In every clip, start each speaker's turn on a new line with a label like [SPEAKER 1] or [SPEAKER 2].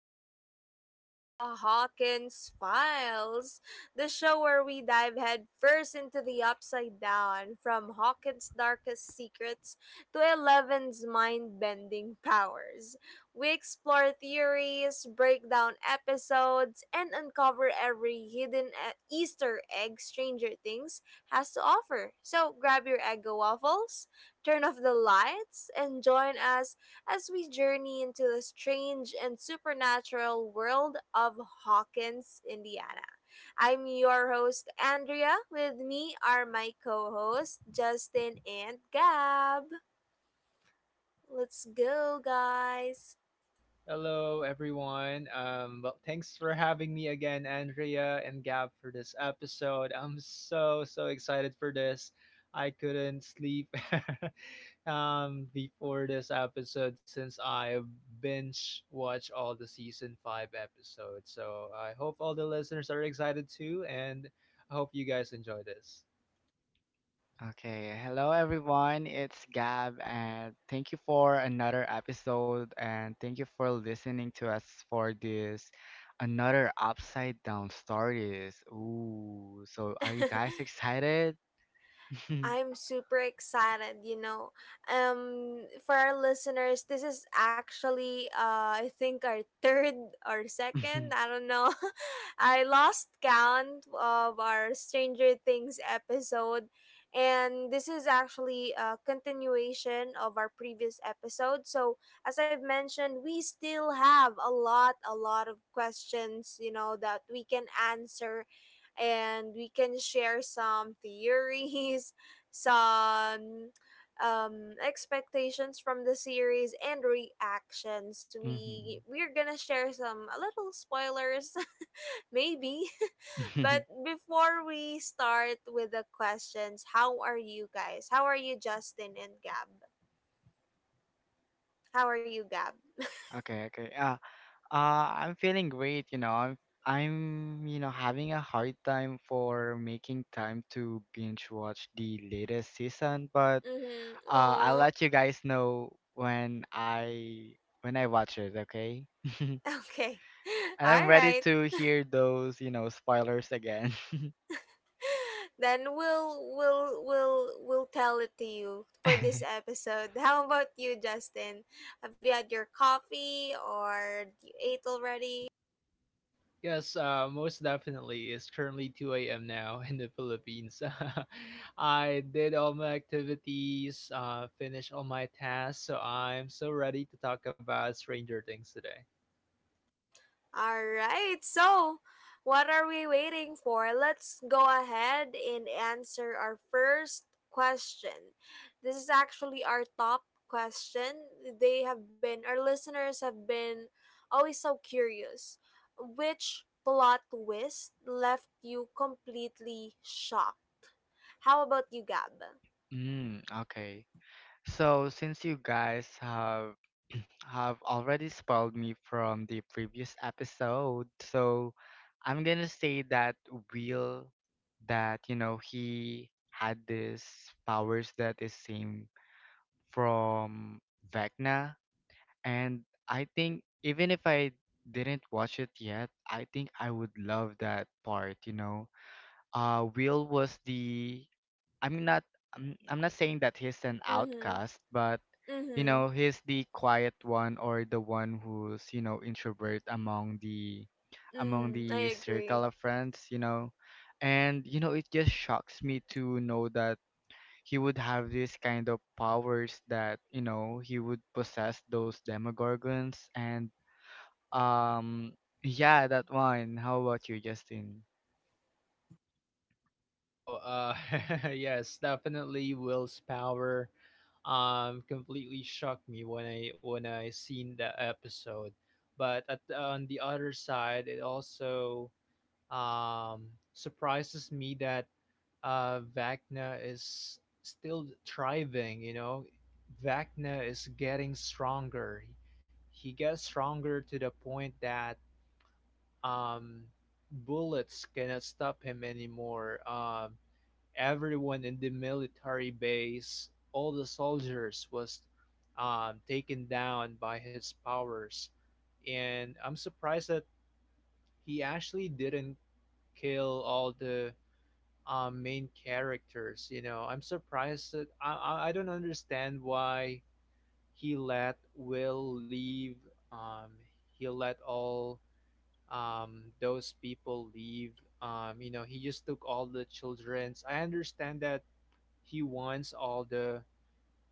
[SPEAKER 1] Welcome to the Hawkins Files, the show where we dive headfirst into the upside down, from Hawkins' darkest secrets to Eleven's mind bending powers. We explore theories, break down episodes, and uncover every hidden Easter egg Stranger Things has to offer. So grab your eggo waffles, turn off the lights, and join us as we journey into the strange and supernatural world of Hawkins, Indiana. I'm your host, Andrea. With me are my co hosts, Justin and Gab. Let's go, guys.
[SPEAKER 2] Hello, everyone. Thanks for having me again, Andrea and Gab, for this episode. I'm so, so excited for this. I couldn't sleep before this episode since I binge watched all the season 5 episodes. So I hope all the listeners are excited too, and I hope you guys enjoy this.
[SPEAKER 3] Okay, hello everyone. It's Gab, and thank you for another episode, and thank you for listening to us for this another upside down stories. Ooh, so are you guys excited?
[SPEAKER 1] I'm super excited. For our listeners, this is actually I think our third or second, I don't know. I lost count of our Stranger Things episode, and this is actually a continuation of our previous episode. So, as I've mentioned, we still have a lot of questions, that we can answer, and we can share some theories, some expectations from the series and reactions. we
[SPEAKER 3] Mhm.
[SPEAKER 1] we're gonna share some a little spoilers maybe. But before we start with the questions, how are you guys? How are you, Justin and Gab? How are you, Gab?
[SPEAKER 3] Okay. Uh, I'm feeling great. I'm, having a hard time for making time to binge watch the latest season, but
[SPEAKER 1] Mm-hmm.
[SPEAKER 3] I'll
[SPEAKER 1] Oh.
[SPEAKER 3] let you guys know when I watch it, okay? And
[SPEAKER 1] Okay. All
[SPEAKER 3] I'm ready
[SPEAKER 1] right.
[SPEAKER 3] to hear those, you know, spoilers again.
[SPEAKER 1] Then we'll tell it to you for this episode. How about you, Justin? Have you had your coffee, or you ate already?
[SPEAKER 2] Yes, most definitely. It's currently 2 a.m. now in the Philippines. I did all my activities, finished all my tasks, so I'm so ready to talk about Stranger Things today.
[SPEAKER 1] All right. So, what are we waiting for? Let's go ahead and answer our first question. This is actually our top question. They have been Our listeners have been always so curious. Which plot twist left you completely shocked? How about you, Gab?
[SPEAKER 3] Okay. So since you guys have have already spoiled me from the previous episode, so I'm gonna say that Will, that you know, he had this powers that is same from Vecna. And I think even if I didn't watch it yet, I think I would love that part, you know. Will was the, I'm not I'm not saying that he's an
[SPEAKER 1] Mhm.
[SPEAKER 3] outcast, but you
[SPEAKER 1] Mhm.
[SPEAKER 3] know, he's the quiet one or the one who's, you know, introvert among
[SPEAKER 1] Mhm. I
[SPEAKER 3] the circle
[SPEAKER 1] agree.
[SPEAKER 3] of friends, you know. And you know, it just shocks me to know that he would have this kind of powers that you know he would possess those demogorgons and um yeah, that one. How about you, Justin?
[SPEAKER 2] Oh, yes, definitely Will's power completely shocked me when I seen the episode. But on the other side, it also um surprises me that Wagner is still thriving. You know, Wagner is getting stronger. He gets stronger to the point that um, bullets cannot stop him anymore. Everyone in the military base, all the soldiers, was taken down by his powers. And I'm surprised that he actually didn't kill all the main characters. You know, I'm surprised that I don't understand why he let Will leave. Um, he let all those people leave. You know, he just took all the children's. I understand that he wants all the.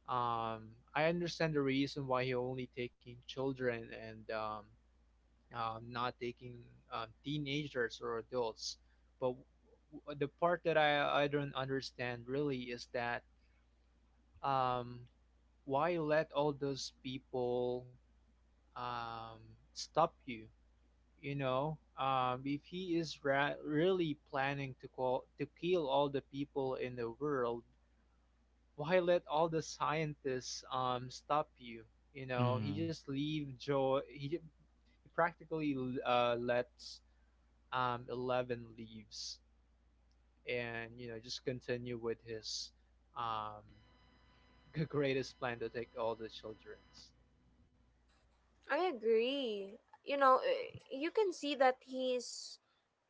[SPEAKER 2] Um, I understand the reason why he only taking children and not taking teenagers or adults. But the part that I don't understand really is that um, why let all those people um, stop you? You know, if he is really planning to call to kill all the people in the world, why let all the scientists stop you? You know, he
[SPEAKER 3] Mm-hmm.
[SPEAKER 2] just leave Joe. He practically lets Eleven leaves, and you know just continue with his um, greatest plan to take all the children's.
[SPEAKER 1] I agree. You can see that he's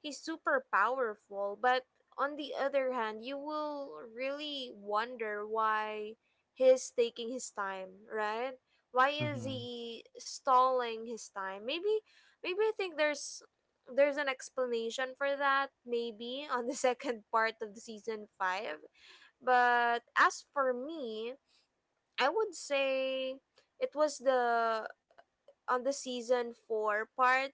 [SPEAKER 1] he's super powerful, but on the other hand, you will really wonder why he's taking his time, right? Why is
[SPEAKER 3] Mm-hmm.
[SPEAKER 1] he stalling his time? Maybe I think there's an explanation for that, maybe on the second part of the season 5. But as for me, I would say it was the on the season four part.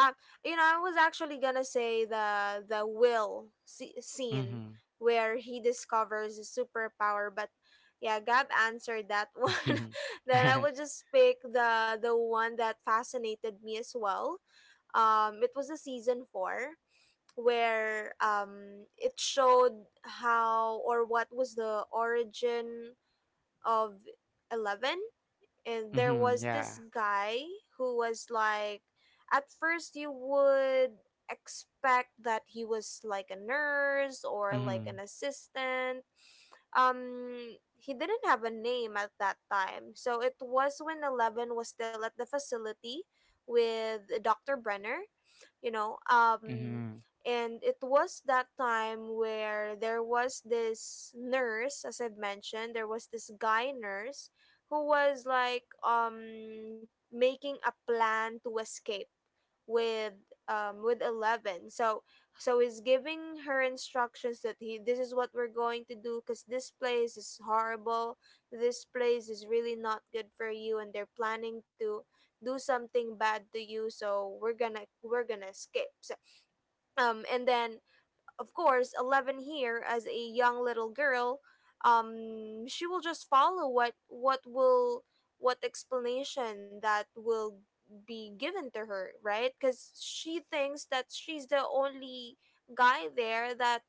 [SPEAKER 1] Um, I was actually gonna say the Will scene
[SPEAKER 3] Mm-hmm.
[SPEAKER 1] where he discovers his superpower, but yeah, Gab answered that one. Then I would just pick the one that fascinated me as well. It was the season four where it showed how or what was the origin of Eleven. And there
[SPEAKER 3] Mm-hmm,
[SPEAKER 1] was this
[SPEAKER 3] yeah.
[SPEAKER 1] guy who was like, at first you would expect that he was like a nurse or like
[SPEAKER 3] Mm-hmm.
[SPEAKER 1] an assistant. He didn't have a name at that time, so it was when 11 was still at the facility with Dr. Brenner. you know um
[SPEAKER 3] Mm-hmm.
[SPEAKER 1] and it was that time where there was this nurse, as I've mentioned, there was this guy nurse who was like making a plan to escape with with 11. So he's giving her instructions that he this is what we're going to do, because this place is horrible, this place is really not good for you, and they're planning to do something bad to you. So we're gonna escape. So and then, of course, Eleven here, as a young little girl, she will just follow what explanation that will be given to her, right? Because she thinks that she's the only guy there that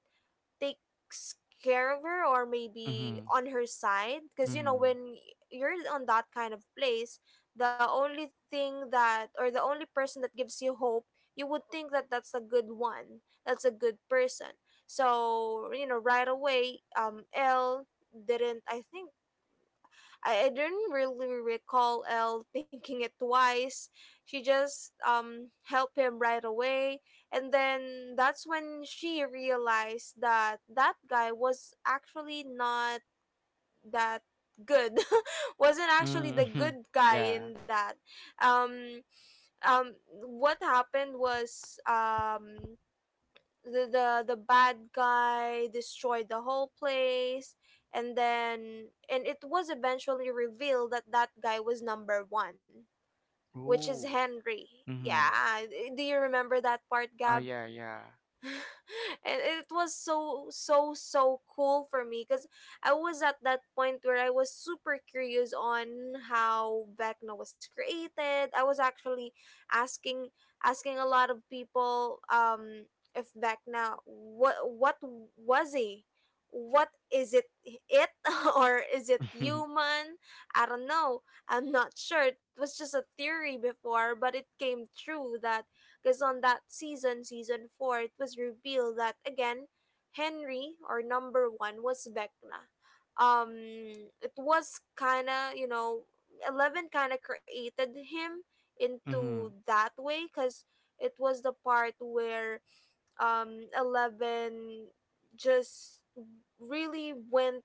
[SPEAKER 1] takes care of her, or maybe
[SPEAKER 3] Mm-hmm.
[SPEAKER 1] on her side, because
[SPEAKER 3] Mm-hmm.
[SPEAKER 1] when you're on that kind of place, the only thing that or the only person that gives you hope, you would think that that's a good one, that's a good person. So right away, l didn't I think I didn't really recall Elle thinking it twice. She just helped him right away. And then that's when she realized that that guy was actually not that good, wasn't actually the
[SPEAKER 3] Mm-hmm.
[SPEAKER 1] good guy
[SPEAKER 3] Yeah.
[SPEAKER 1] in that. um um what happened was the bad guy destroyed the whole place, and it was eventually revealed that that guy was number one, which is
[SPEAKER 3] Ooh.
[SPEAKER 1] Henry.
[SPEAKER 3] Mm-hmm.
[SPEAKER 1] Yeah. Do you remember that part,
[SPEAKER 3] Oh
[SPEAKER 1] Gab?
[SPEAKER 3] yeah, yeah.
[SPEAKER 1] And it was so so so cool for me, because I was at that point where I was super curious on how Vecna was created. I was actually asking asking a lot of people if Vecna, what was he? What is it or is it human? I don't know. I'm not sure. It was just a theory before, but it came true, that because on that season, season four, it was revealed that, again, Henry or number one was Vecna. Um, it was kinda Eleven kinda created him into
[SPEAKER 3] Mm-hmm.
[SPEAKER 1] that way, because it was the part where 11 just really went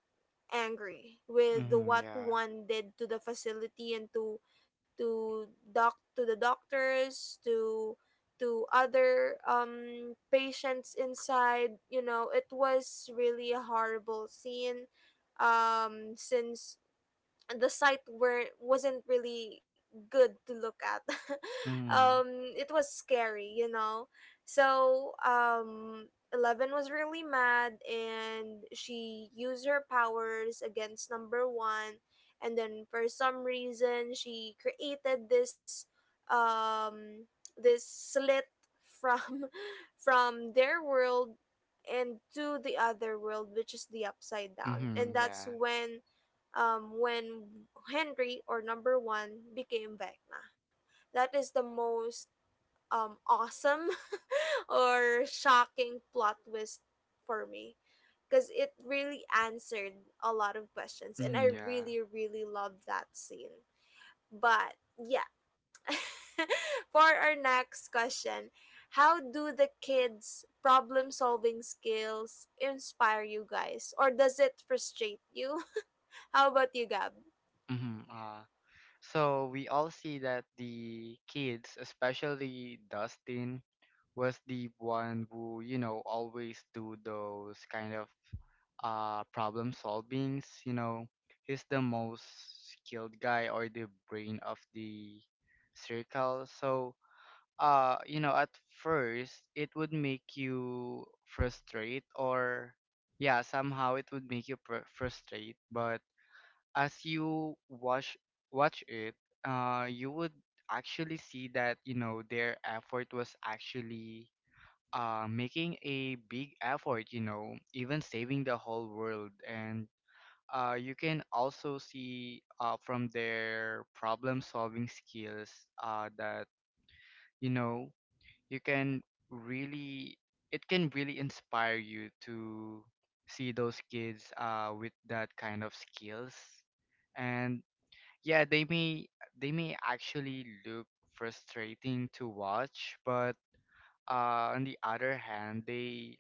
[SPEAKER 1] angry with
[SPEAKER 3] Mm-hmm,
[SPEAKER 1] what
[SPEAKER 3] yeah.
[SPEAKER 1] one did to the facility, and to doc to the doctors, to other patients inside. It was really a horrible scene, since the site were wasn't really good to look at.
[SPEAKER 3] Mm-hmm.
[SPEAKER 1] um it was scary, so Eleven was really mad, and she used her powers against number one. And then, for some reason, she created this um this slit from from their world and to the other world, which is the upside down.
[SPEAKER 3] Mm-hmm,
[SPEAKER 1] And that's
[SPEAKER 3] yeah.
[SPEAKER 1] when, when Henry or number one became Vecna. That is the most awesome or shocking plot twist for me, because it really answered a lot of questions, and I
[SPEAKER 3] Mm-hmm, yeah.
[SPEAKER 1] really, really love that scene. But yeah, for our next question, how do the kids' problem solving skills inspire you guys, or does it frustrate you? How about you, Gab?
[SPEAKER 3] Mm-hmm. So we all see that the kids, especially Dustin, was the one who, you know, always do those kind of problem solvings, you know. He's the most skilled guy or the brain of the circle. So you know, at first it would make you frustrate or yeah, somehow it would make you pr- frustrate, but as you watch it, you would actually see that you know their effort was actually making a big effort. You know, even saving the whole world, and you can also see from their problem solving skills that you know you can really it can really inspire you to see those kids with that kind of skills. And yeah, they may, actually look frustrating to watch, but on the other hand,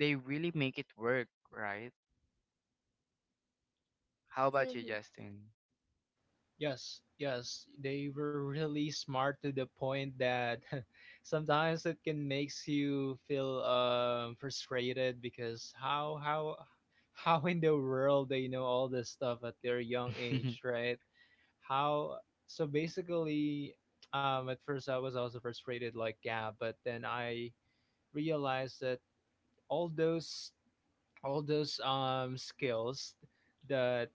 [SPEAKER 3] they really make it work, right? How about you,
[SPEAKER 1] Mm-hmm.
[SPEAKER 3] Justin?
[SPEAKER 2] Yes, yes, they were really smart to the point that sometimes it can makes you feel frustrated because how how in the world they know all this stuff at their young age, right? How, so basically at first I was also frustrated like, yeah, but then I realized that all those all those skills that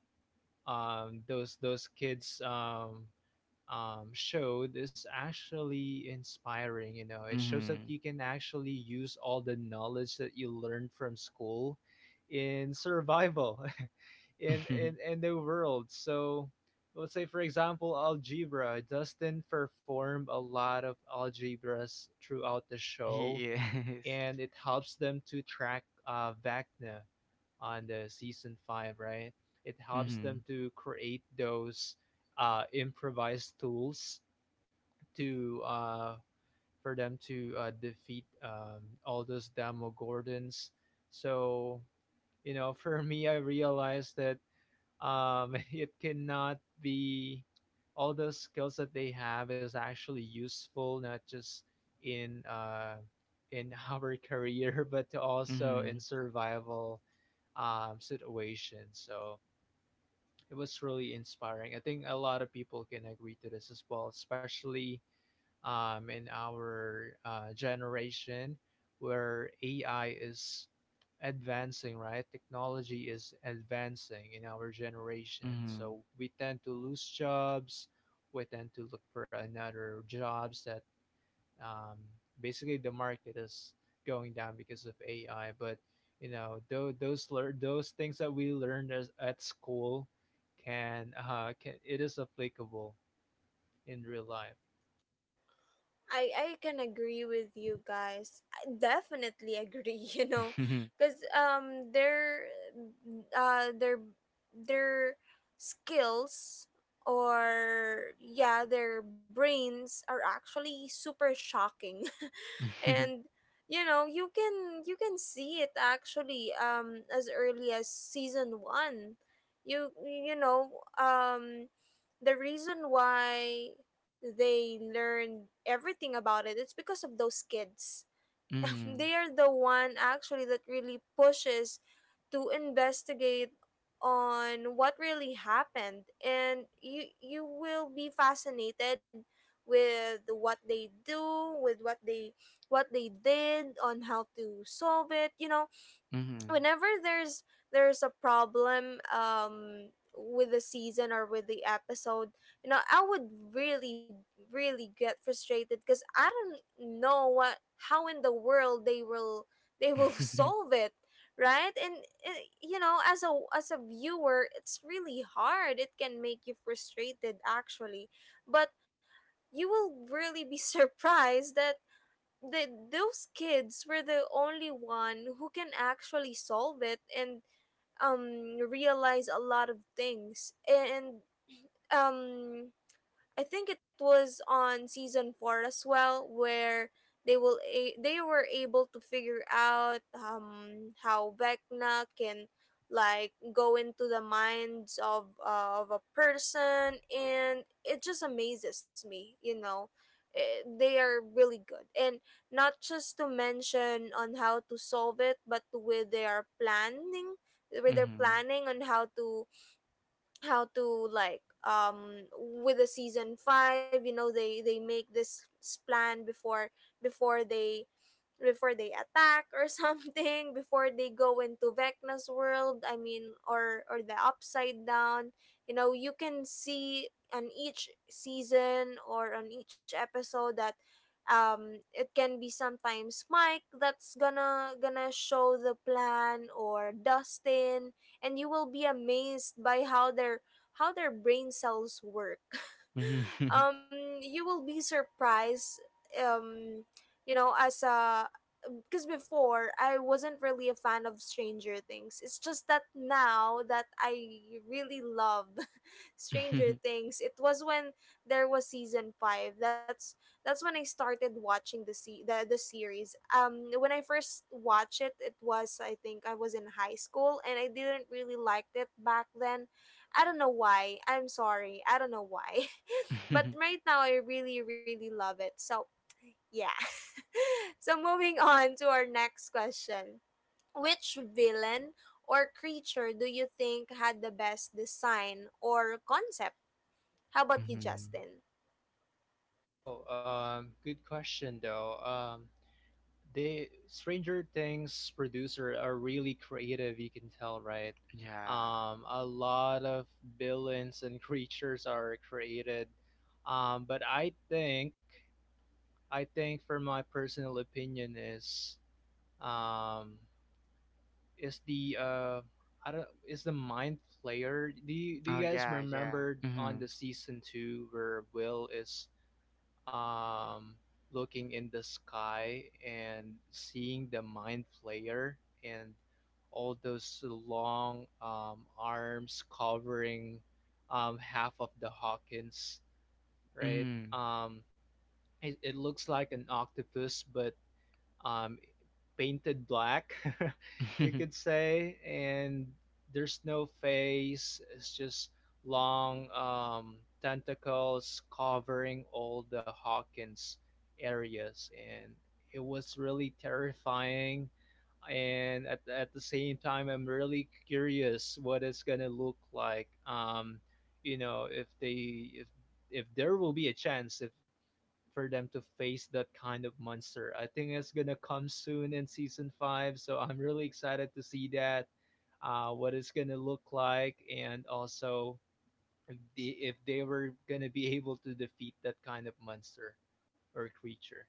[SPEAKER 2] those kids showed is actually inspiring. You know, it shows that
[SPEAKER 3] Mm-hmm.
[SPEAKER 2] you can actually use all the knowledge that you learned from school in survival in the world. So let's say, for example, algebra. Dustin performed a lot of algebras throughout the
[SPEAKER 3] He
[SPEAKER 2] show,
[SPEAKER 3] is.
[SPEAKER 2] and it helps them to track Vecna on the season 5, right? It helps them
[SPEAKER 3] Mm-hmm.
[SPEAKER 2] to create those improvised tools to for them to defeat all those Demogorgons. So, you know, for me, I realized that it cannot be. All the skills that they have is actually useful, not just in uh, in our career, but also in
[SPEAKER 3] Mm-hmm.
[SPEAKER 2] survival situations. So it was really inspiring. I think a lot of people can agree to this as well, especially in our generation, where AI is advancing, right? Technology is advancing in our generation. So we tend to lose jobs. We tend to look for another jobs, that um, basically the market is going down because of AI. But you know, those things that we learned at school can it is applicable in real life.
[SPEAKER 1] I can agree with you guys. I definitely agree.
[SPEAKER 3] Mm-hmm.
[SPEAKER 1] Because uh their their skills, or yeah, their brains, are actually super shocking, and you can see it actually as early as season one. you you know um the reason why they learned everything about it, it's because of those kids.
[SPEAKER 3] Mm-hmm.
[SPEAKER 1] They are the one actually that really pushes to investigate on what really happened. And you will be fascinated with what they did, on how to solve it.
[SPEAKER 3] Mm-hmm.
[SPEAKER 1] Whenever there's a problem with the season or with the episode, I would really really get frustrated, because I don't know what how in the world they will solve it, right? And as a viewer, it's really hard, it can make you frustrated actually. But you will really be surprised that the those kids were the only one who can actually solve it, and realize a lot of things. And um I think it was on season 4 as well, where they were able to figure out how Vecna can, like, go into the minds of a person, and it just amazes me. They are really good, and not just to mention on how to solve it, but with their planning with their
[SPEAKER 3] Mm-hmm.
[SPEAKER 1] planning on how to how to like with the season five, they make this plan before they before they attack or something, before they go into Vecna's world, I mean, or the upside down. You can see on each season or on each episode that it can be sometimes Mike that's gonna show the plan, or Dustin. And you will be amazed by how their brain cells work.
[SPEAKER 3] Mm-hmm.
[SPEAKER 1] um, you will be surprised. Um, as a because before, I wasn't really a fan of Stranger Things. It's just that now that I really love Stranger Things, it was when there was season five. That's when I started watching the se- the series. When I first watched it, it was, I think I was in high school, and I didn't really like it back then. I don't know why. I'm sorry. I don't know why, but right now I really really love it. So yeah. So moving on to our next question: which villain or creature do you think had the best design or concept? How about you,
[SPEAKER 3] Mm-hmm.
[SPEAKER 1] Justin?
[SPEAKER 2] Oh, good question though. They Stranger Things producer are really creative. You can tell, right?
[SPEAKER 3] Yeah.
[SPEAKER 2] A lot of villains and creatures are created. Um, I think, for my personal opinion, um, is the I don't is the mind flayer. Do do
[SPEAKER 3] Oh
[SPEAKER 2] you guys
[SPEAKER 3] yeah, yeah.
[SPEAKER 2] remember on
[SPEAKER 3] Mm-hmm.
[SPEAKER 2] the season 2, where Will is um, looking in the sky and seeing the mind flayer and all those long arms covering half of the Hawkins, right?
[SPEAKER 3] Mm-hmm.
[SPEAKER 2] It looks like an octopus, but um, painted black, you could say, and there's no face. It's just long tentacles covering all the Hawkins areas, and it was really terrifying. And at the same time, I'm really curious what it's gonna look like. You know, if they if there will be a chance if for them to face that kind of monster. I think it's gonna come soon in season 5, so I'm really excited to see that, what it's gonna look like, and also if they were gonna be able to defeat that kind of monster or creature.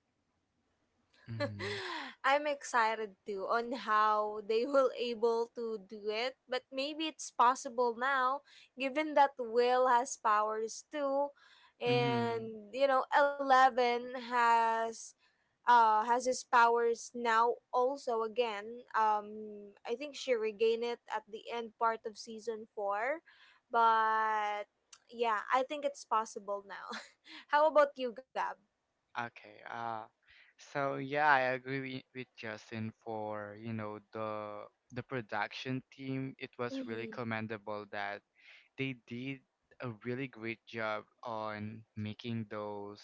[SPEAKER 3] Mm-hmm.
[SPEAKER 1] I'm excited too on how they will able to do it, but maybe it's possible now, given that Will has powers too,
[SPEAKER 3] Mm-hmm.
[SPEAKER 1] and Eleven has his powers now also again. I think she regained it at the end part of season four, but yeah, I think it's possible now. How about you, Gab?
[SPEAKER 3] Okay. So yeah, I agree wi- with Justin for, you know, the production team. It was really
[SPEAKER 1] Mm-hmm.
[SPEAKER 3] commendable that they did a really great job on making those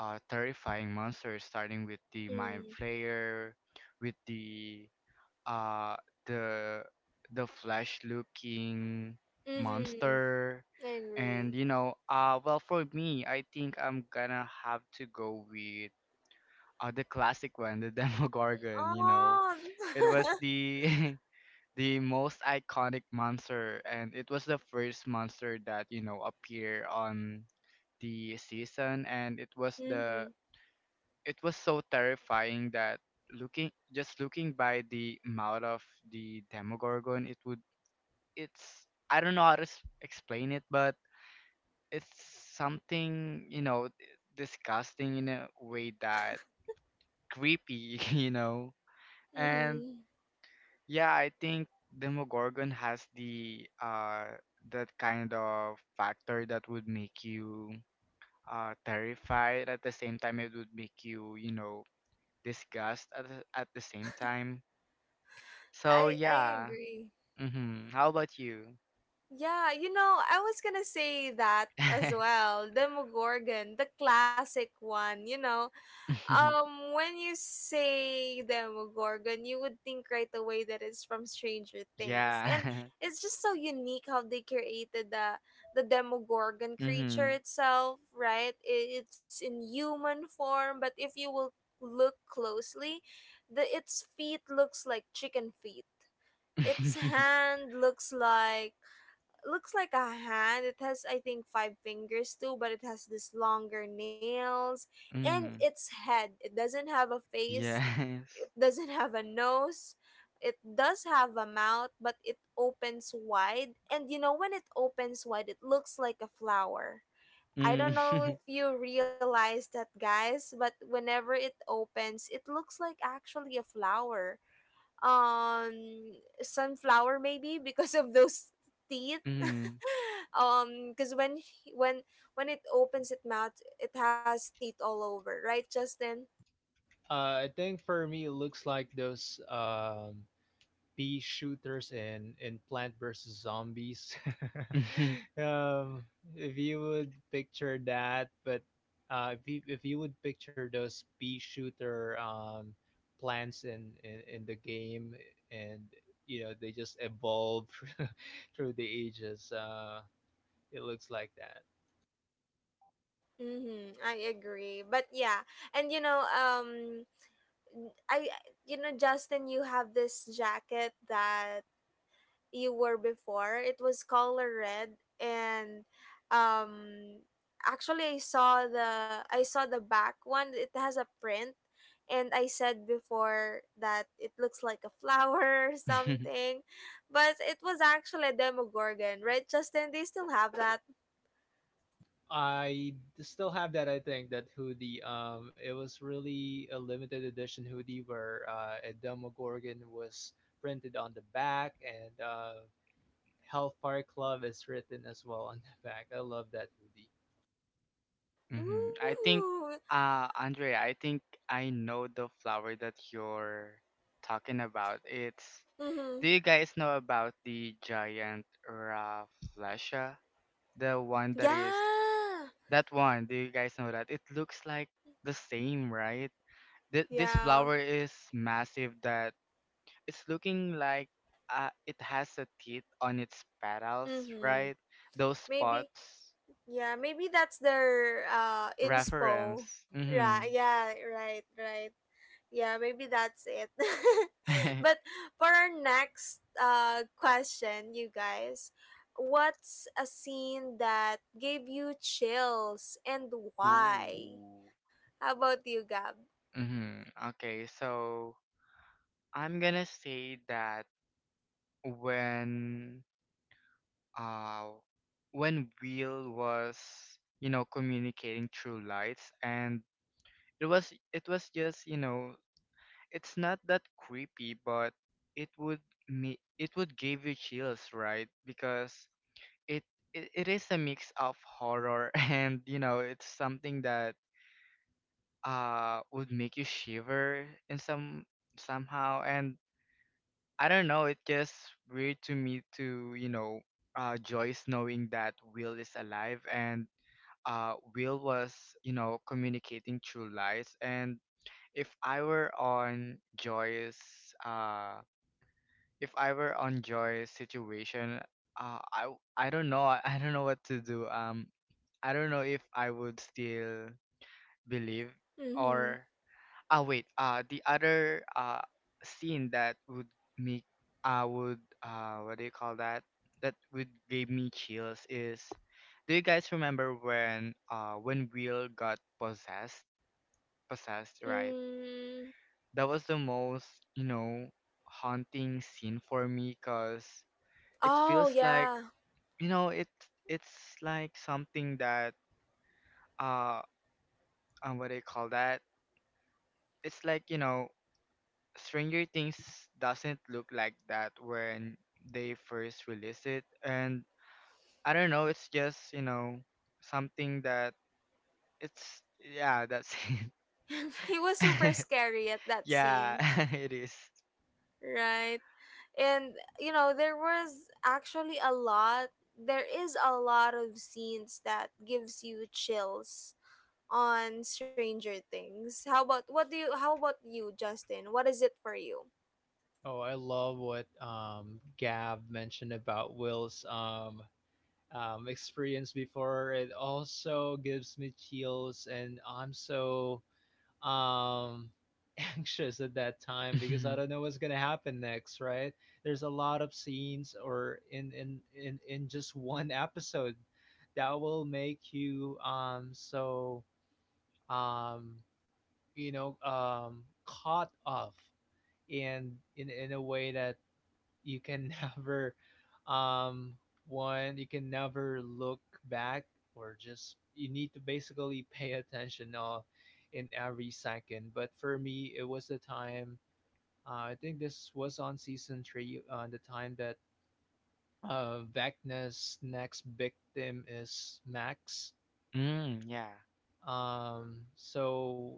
[SPEAKER 3] terrifying monsters, starting with the Mind
[SPEAKER 1] Mm-hmm.
[SPEAKER 3] Flayer, with the uh the the flesh looking
[SPEAKER 1] Mm-hmm.
[SPEAKER 3] monster.
[SPEAKER 1] I
[SPEAKER 3] And
[SPEAKER 1] agree.
[SPEAKER 3] you know, well, for me, I think I'm gonna have to go with the classic one, the Demogorgon, you know.
[SPEAKER 1] Oh.
[SPEAKER 3] It was the the most iconic monster, and it was the first monster that you know appear on the season. And it was
[SPEAKER 1] Mm-hmm.
[SPEAKER 3] the, it was so terrifying that looking, just looking by the mouth of the Demogorgon, it would, it's I don't know how to s- explain it, but it's something, you know, disgusting in a way that creepy, you know. And
[SPEAKER 1] Mm-hmm.
[SPEAKER 3] yeah, I think Demogorgon has the that kind of factor that would make you terrified. At the same time, it would make you, you know, disgust at the same time. So
[SPEAKER 1] I
[SPEAKER 3] yeah.
[SPEAKER 1] agree.
[SPEAKER 3] Mhm. How about you?
[SPEAKER 1] Yeah, I was gonna say that as well. Demogorgon, the classic one. When you say Demogorgon, you would think right away that it's from Stranger Things, and
[SPEAKER 3] Yeah.
[SPEAKER 1] it's just so unique how they created the Demogorgon creature
[SPEAKER 3] Mhm.
[SPEAKER 1] itself, right? It's in human form, but if you will look closely, the its feet looks like chicken feet. Its
[SPEAKER 3] Mhm.
[SPEAKER 1] hand looks like a hand. It has, I think, five fingers too, but it has this longer nails and its head. It doesn't have a face,
[SPEAKER 3] Yes.
[SPEAKER 1] it doesn't have a nose. It does have a mouth, but it opens wide. And you know, when it opens wide, it looks like a flower. I don't
[SPEAKER 3] Mm.
[SPEAKER 1] know if you realize that, guys, but whenever it opens, it looks like actually a flower, um sunflower maybe because of those teeth
[SPEAKER 3] Mhm.
[SPEAKER 1] because when he- when it opens its mouth, it has teeth all over, right, Justin?
[SPEAKER 2] I think for me, it looks like those bee shooters in Plant vs Zombies.
[SPEAKER 3] Mhm.
[SPEAKER 2] um, if you would picture that. But if you would picture those bee shooter plants in the game, and you know they just evolve through the ages, it looks like that.
[SPEAKER 1] Mm-hmm, I agree. But yeah and you know um i you know, Justin, you have this jacket that you were before. It was color red, and um actually I saw the back one. It has a print, and I said before that it looks like a flower or something. But it was actually a demogorgon, right, Justin? They still have that.
[SPEAKER 2] I still have that. I think that hoodie. It was really a limited edition hoodie, where a Demogorgon was printed on the back, and Hellfire Club is written as well on the back. I love that hoodie.
[SPEAKER 3] Mhm. I think,
[SPEAKER 1] Ooh.
[SPEAKER 3] Andre, I think I know the flower that you're talking about. It's,
[SPEAKER 1] Mm-hmm.
[SPEAKER 3] do you guys know about the giant Rafflesia? The one that is,
[SPEAKER 1] Yeah.
[SPEAKER 3] that one, do you guys know that? It looks like the same, right? Th- this
[SPEAKER 1] Yeah.
[SPEAKER 3] flower is massive that it's looking like, it has a teeth on its petals,
[SPEAKER 1] Mm-hmm.
[SPEAKER 3] right? Those
[SPEAKER 1] Maybe.
[SPEAKER 3] spots.
[SPEAKER 1] Yeah, maybe that's their inspo.
[SPEAKER 3] Reference.
[SPEAKER 1] Right.
[SPEAKER 3] Mm-hmm.
[SPEAKER 1] Yeah, right, right. Yeah, maybe that's it. But for our next question, you guys, what's a scene that gave you chills, and why?
[SPEAKER 3] Ooh.
[SPEAKER 1] How about you, Gab?
[SPEAKER 3] Mm-hmm. Okay, so I'm gonna say that when uh when Will was, you know, communicating through lights, and it was, it was just, you know, it's not that creepy, but it would me, it would give you chills, right? Because it, it is a mix of horror and you know, it's something that would make you shiver in some somehow. And I don't know, it just weird to me to you know, Joyce knowing that Will is alive, and Will was, you know, communicating through lies. And if I were on Joy's uh if I were on Joy's situation, I w- I don't know. I, I don't know what to do. I don't know if I would still believe
[SPEAKER 1] Mhm.
[SPEAKER 3] or, ah, wait. The other scene that would make, I would, what do you call that? That would give me chills is, do you guys remember when Will got possessed? Possessed, right?
[SPEAKER 1] Mm.
[SPEAKER 3] That was the most, you know, haunting scene for me, cause it
[SPEAKER 1] Oh,
[SPEAKER 3] feels like,
[SPEAKER 1] yeah.
[SPEAKER 3] you know, it, it's like something that uh what do you call that, it's like you know, Stranger Things doesn't look like that when they first release it. And I don't know, it's just, you know, something that it's, yeah, that's it.
[SPEAKER 1] It was super scary at that scene.
[SPEAKER 3] Yeah. It.
[SPEAKER 1] Right. And you know, there was actually a lot, there is a lot of scenes that gives you chills on Stranger Things. How about you, Justin? What is it for you?
[SPEAKER 2] Oh, I love what Gab mentioned about Will's experience before. It also gives me chills, and I'm so um anxious at that time, because
[SPEAKER 3] Mm-hmm.
[SPEAKER 2] I don't know what's gonna happen next, right? There's a lot of scenes, or in just one episode, that will make you so um caught off in a way that you can never. Um one You can never look back, or just you need to basically pay attention all in every second. But for me, it was the time, I think this was on season 3, the time that Vecna's next victim is Max.
[SPEAKER 3] Yeah.
[SPEAKER 2] So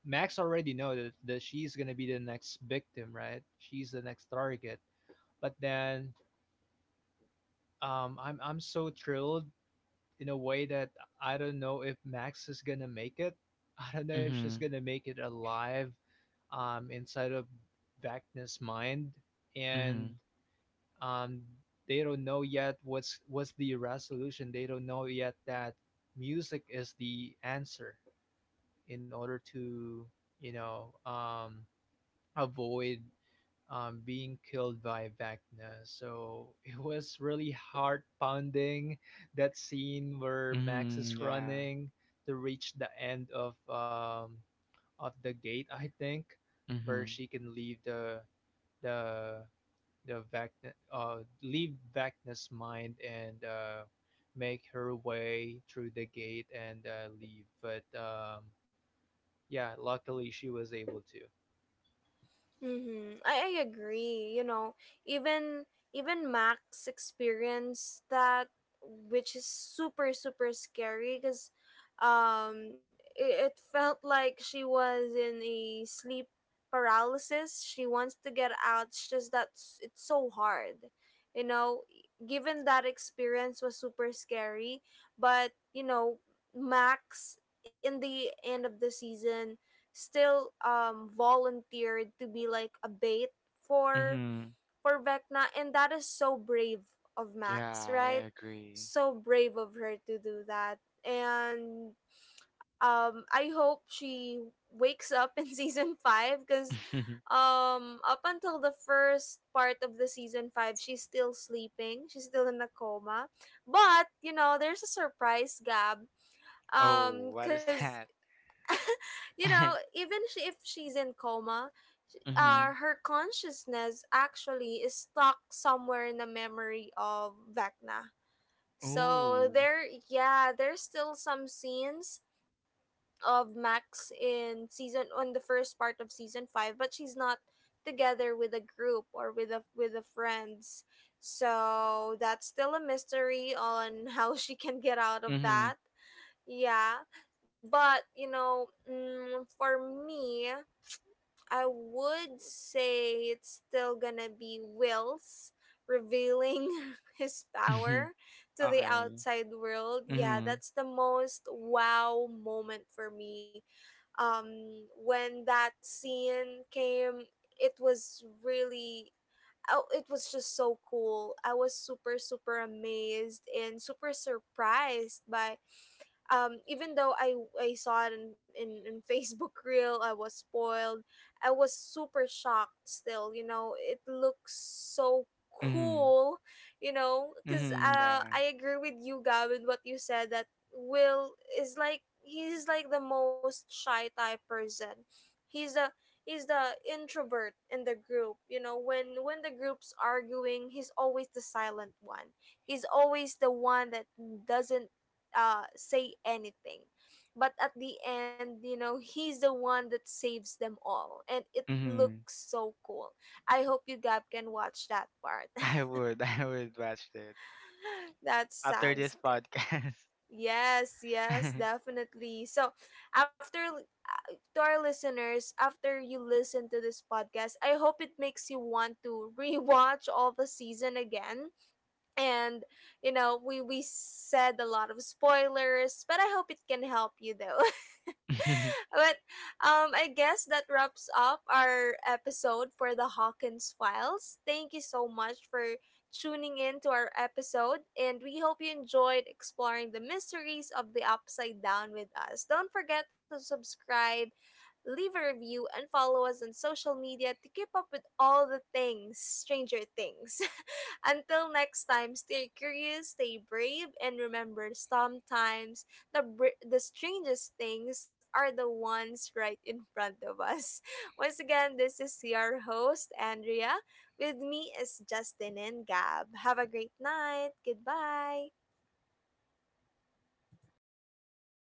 [SPEAKER 2] Max already know that she's gonna be the next victim, right? She's the next target. But then I'm so thrilled, in a way, that I don't know if Max is gonna make it. I don't know if she's
[SPEAKER 3] Hmm.
[SPEAKER 2] gonna make it alive inside of Vecna's mind. And
[SPEAKER 3] Hmm.
[SPEAKER 2] um, they don't know yet what's the resolution. They don't know yet that music is the answer, in order to you know um, avoid being killed by Vecna. So it was really heart pounding, that scene where Max
[SPEAKER 3] Hmm,
[SPEAKER 2] is
[SPEAKER 3] yeah.
[SPEAKER 2] running to reach the end of the gate, I think, where
[SPEAKER 3] Hmm.
[SPEAKER 2] she can leave the leave Vecna's mind, and make her way through the gate, and leave. But yeah, luckily she was able to.
[SPEAKER 1] Mm-hmm. I agree. You know, even even Max experienced that, which is super super scary because, it felt like she was in a sleep paralysis. She wants to get out. It's just that it's so hard. You know, given that experience was super scary, but you know, Max, in the end of the season, still volunteered to be like a bait for
[SPEAKER 3] Hmm,
[SPEAKER 1] for Vecna, and that is so brave of Max,
[SPEAKER 3] yeah. I
[SPEAKER 1] right?
[SPEAKER 3] agree.
[SPEAKER 1] So brave of her to do that. And I hope she wakes up in season 5 cuz up until the first part of the season 5, she's still sleeping. She's still in a coma. But, you know, there's a surprise, Gab,
[SPEAKER 3] Oh, what is
[SPEAKER 1] cuz
[SPEAKER 3] that?
[SPEAKER 1] you know, even if she's in coma,
[SPEAKER 3] Mhm.
[SPEAKER 1] her consciousness actually is stuck somewhere in the memory of Vecna. So
[SPEAKER 3] Ooh.
[SPEAKER 1] there, yeah, there's still some scenes of Max in season on the first part of season five, but she's not together with a group, or with a friends. So that's still a mystery on how she can get out of
[SPEAKER 3] Mhm.
[SPEAKER 1] that. Yeah, but you know, mm, for me, I would say it's still gonna be Will's revealing his
[SPEAKER 3] Mhm.
[SPEAKER 1] power to the
[SPEAKER 3] Okay.
[SPEAKER 1] outside world. Yeah,
[SPEAKER 3] Mhm.
[SPEAKER 1] that's the most wow moment for me. When that scene came, it was really. Oh, it was just so cool. I was super, super amazed and super surprised by, even though I saw it in, Facebook reel, I was spoiled. I was super shocked still, you know, it looks so
[SPEAKER 3] Mhm.
[SPEAKER 1] cool, you know, because
[SPEAKER 3] Mhm. Yeah.
[SPEAKER 1] I agree with you, Gab, with what you said that Will is like, he's like the most shy type person. He's a, he's the introvert in the group. You know, when the group's arguing, he's always the silent one, he's always the one that doesn't say anything. But at the end, you know, he's the one that saves them all. And it
[SPEAKER 3] Mhm.
[SPEAKER 1] looks so cool. I hope you, Gab, can watch that part.
[SPEAKER 3] I would. I would watch it
[SPEAKER 1] That
[SPEAKER 3] after
[SPEAKER 1] sounds
[SPEAKER 3] this
[SPEAKER 1] good.
[SPEAKER 3] podcast.
[SPEAKER 1] Yes, yes, definitely. So, to our listeners, after you listen to this podcast, I hope it makes you want to rewatch all the season again, and you know, we said a lot of spoilers, but I hope it can help you though. But I guess that wraps up our episode for the Hawkins Files. Thank you so much for tuning in to our episode, and we hope you enjoyed exploring the mysteries of the Upside Down with us. Don't forget to subscribe, leave a review, and follow us on social media to keep up with all the things Stranger Things. Until next time, stay curious, stay brave, and remember sometimes the strangest things are the ones right in front of us. Once again, this is your host, Andrea. With me is Justin and Gab. Have a great night. Goodbye.